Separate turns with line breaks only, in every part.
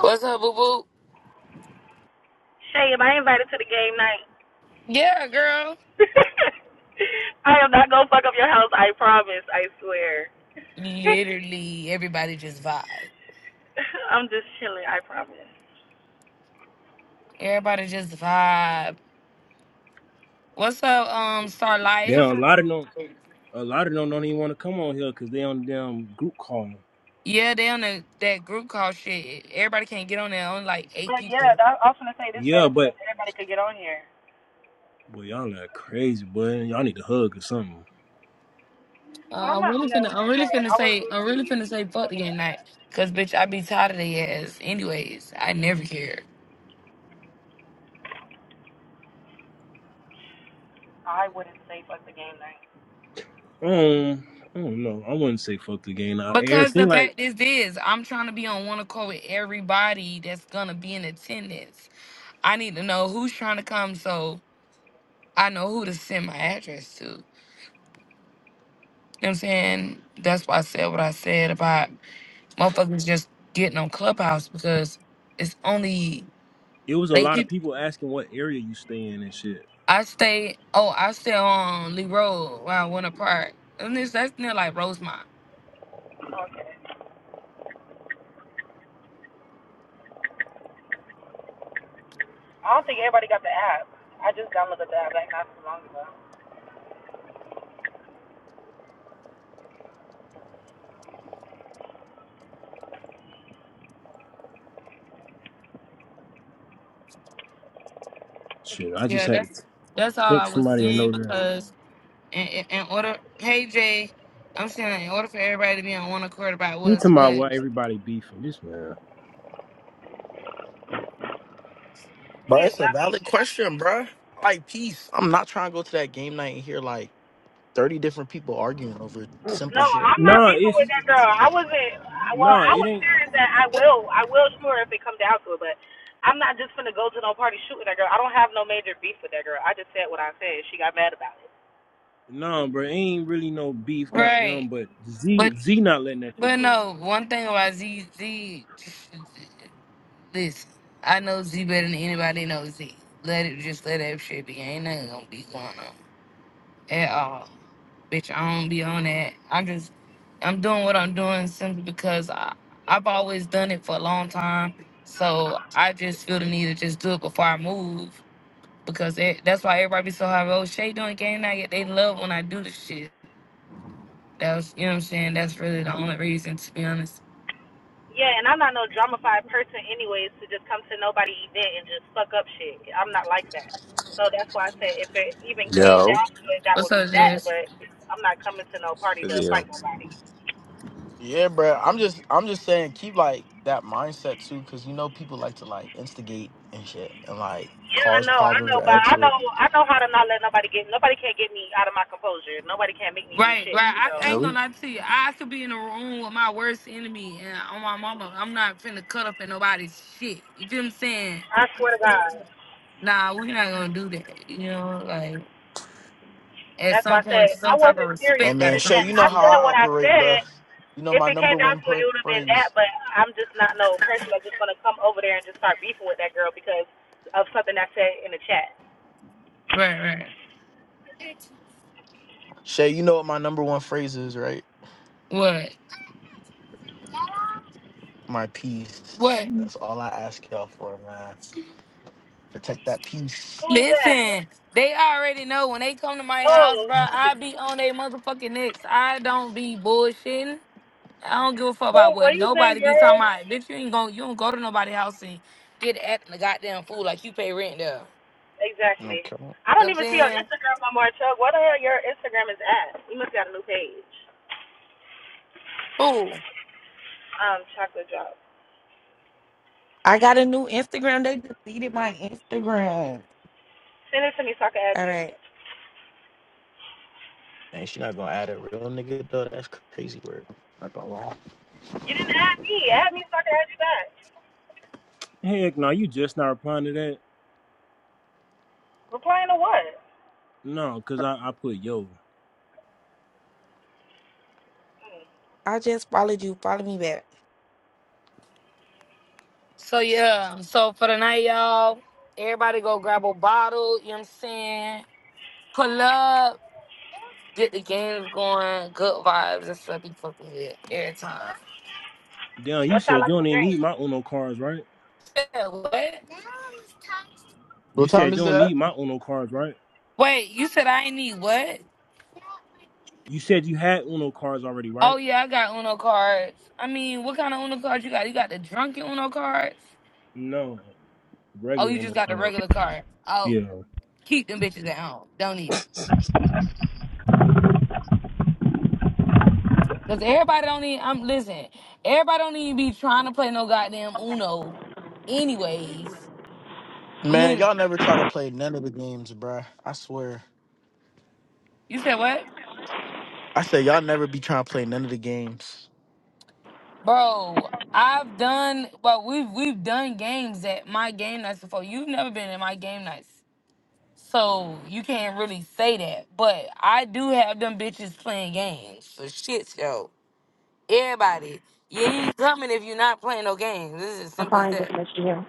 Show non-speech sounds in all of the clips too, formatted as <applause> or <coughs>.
What's up, boo boo?
Shay, if I invited to the game night,
Yeah, girl.
<laughs> I am not gonna fuck up your house. I promise. I swear. <laughs>
Literally, everybody just vibe.
I'm just chilling. I promise.
Everybody just vibe. What's up, um, Star
They
Life?
don't, a lot of them, a lot of them don't even want to come on here because they on the damn group call.
Yeah, they on the, that group call shit. Everybody can't get on there. Only like eight
But yeah,
people.
that, I was gonna say this
Yeah,
better because
but
everybody could get on here.
boy, y'all like crazy, boy. Y'all need a hug or something.
Well,
Uh,
I'm
I'm
not on
really
there
finna.
with
I'm
that
really
girl.
finna
I was
say. I'm really
literally.
finna say
It
fuck the
wasn't
game
that
night.
bad.
Cause bitch, I be tired of their ass. Anyways, I never care.
I wouldn't say fuck the game night.
Um, I don't know. I wouldn't say fuck the game. Now, it
Because the
seemed like
fact is this, I'm trying to be on one accord with everybody that's gonna be in attendance. I need to know who's trying to come. So. I know who to send my address to. You know what I'm saying? That's why I said what I said about motherfuckers just getting on Clubhouse because it's only
it was a
they
lot of
keep
people asking what area you stay in and shit.
I stay oh, I stay on Lee Road where I went apart. And this that's near like Rosemont.
Okay. I don't think everybody got the app. I just downloaded the app like not too long ago.
Shit, I just
Yeah, that's
had to
that's all I
text
was
somebody and
saying
know that.
because in, in, in order hey Jay, I'm saying in order for everybody to be on one accord about
You talking
what's
about
what.
why everybody beefing this man?
Bro,
He is
it's a
not. being
valid question, bro. Like, peace. I'm not trying to go to that game night and hear like 30 different people arguing over simple
No,
shit.
I'm not
No,
beefing
it's
with that girl. I wasn't. Well,
no,
I
it
was
ain't.
serious that I will. I will shoot her if it comes down to it. But I'm not just gonna go to no party shooting that girl. I don't have no major beef with that girl. I just said what I said. She got mad about it.
No, bro, ain't really no beef. Goddamn,
Right.
but
But
Z Z not letting that shit
but
go though.
no, one thing about Z Z Listen, I know Z better than anybody knows Z. Let it just let that shit be. Ain't nothing gonna be going on at all. Bitch, I don't be on that. I just I'm doing what I'm doing simply because I I've always done it for a long time. So I just feel the need to just do it before I move because that that's why everybody be so high. Oh, Shay doing game night. They love when I do the shit. That was you know what I'm saying. That's really the only reason to be honest.
Yeah, and I'm not no drama dramafied person, anyways, to just come to nobody event and just fuck up shit. I'm not like that. So that's why I said if it even came
Yo,
down to it, that would
What's
be
up,
that.
Jess?
But I'm not coming to no party
for
to fight
real.
nobody.
Yeah, bro. I'm just, I'm just saying, keep like that mindset too, because you know people like to like instigate and shit, and like
Yeah, I
cause
know, I
problems
know,
or
but
add
I
to it.
know, I know how to not let nobody get, nobody can't get me out of my composure. Nobody can't make me do
Right,
shit.
right. I
So
No,
ain't
we
gonna lie to you. I could be in a room with my worst enemy and on my mama. I'm not finna cut up at nobody's shit. You feel what I'm saying?
I swear to God,
Nah, we're not gonna do that. You know, like at
that's why
some
I said
point,
I
some type
wasn't
of
Hey,
serious
respect
in
gotta
man,
the
come.
chat.
Shay, you know
I
how I
said what I
operate, bro.
said.
You know
If
my
it came
number
down
one
to it,
pra-
it would have been
phrase.
that. But I'm just not no person that's just gonna come over there and just start beefing with that girl because of something I said in the chat.
Right, right.
Shay, you know what my number one phrase is, right?
What?
My peace.
What?
That's all I ask y'all for, man. Protect that peace.
Who is that?
Listen, they already know when they come to my house,
Oh,
bro. I be on their motherfucking necks. I don't be bullshitting. I don't give a fuck
hey,
about what
what you think,
nobody be
girl?
talking about. Bitch, you ain't going you don't go to nobody's house and get acting a goddamn fool like you pay rent there. You know
Exactly.
Okay.
I
what
don't
I'm
even see your
saying?
Instagram no more, Chuck. Where the hell your Instagram is at? You must got a new page.
Cool.
um, chocolate drop.
I got a new Instagram. They deleted my Instagram.
Send it to me so I can add
All
you.
right.
And she not gonna add a real nigga though. That's crazy word. Not gonna lie.
You didn't add me. Add me so I can add you back.
Heck, no, you just not replying to that.
Replying to what?
No, cause I, I put yo.
Hmm.
I just followed you. Follow me back.
So yeah. So for the night, y'all, everybody go grab a bottle, you know what I'm saying? Pull up, get the games going, good vibes, that's what I be fucking with every time.
Damn, you
What
said you
y'all like
don't
to
even
drink?
need my Uno cards, right?
Yeah, what?
You
What
said
time
you
is
don't
that,
need my Uno cards, right?
Wait, you said I ain't need what?
You said you had Uno cards already, right?
Oh yeah, I got Uno cards. I mean, what kind of Uno cards you got? You got the drunken Uno cards?
No,
Oh, you
regular Uno
just got the
cards.
regular car. Oh,
Yeah.
keep them bitches at home. Don't need them. Cause everybody don't need. I'm listen. Everybody don't even be trying to play no goddamn Uno. Anyways,
Man, y'all
literally.
never try to play none of the games, bruh. I swear.
You said what,
I said y'all never be trying to play none of the games.
bro? I've done. Well, we've we've done games at my game nights before. You've never been in my game nights, so you can't really say that. But I do have them bitches playing games. So shit, yo, everybody, yeah, you ain't coming if you're not playing no games. This is as
I'm
simple as
fine,
that.
just let you know.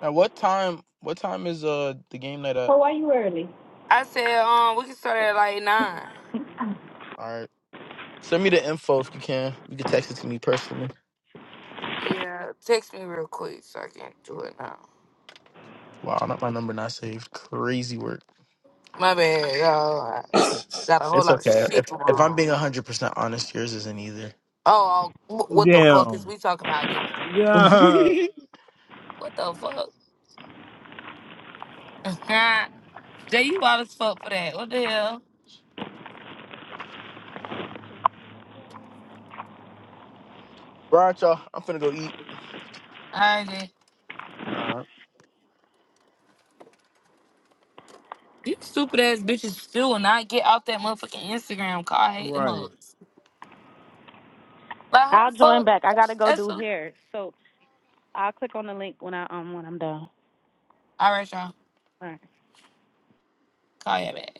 At what time? What time is uh the game night at?
Oh, why you early?
I said, um, we can start at like nine.
All right, send me the info if you can. You can text it to me personally.
Yeah, text me real quick so I can do it now.
Wow, not my number not saved. Crazy work.
My bad. Oh, I
<coughs> Damn. <laughs>
got a whole
It's
lot of
okay.
shit
If
going
if I'm
on.
being hundred percent honest, yours isn't either.
Oh, oh, wh- what the fuck is we talking about then?
<laughs> All
Yeah. Yeah.
What the fuck? <laughs> Jay, you wild as fuck for that. What the hell?
right, y'all. I'm finna go eat.
All right, Jay.
All right.
You stupid ass bitches still will not get off that motherfucking Instagram call. I hate them
Right.
hoes. Like, how
I'll
the
join
fuck?
back. I gotta go
That's
do
a...
hair, so I'll click on the link when I um when I'm done.
All right, y'all.
All right.
Call you back.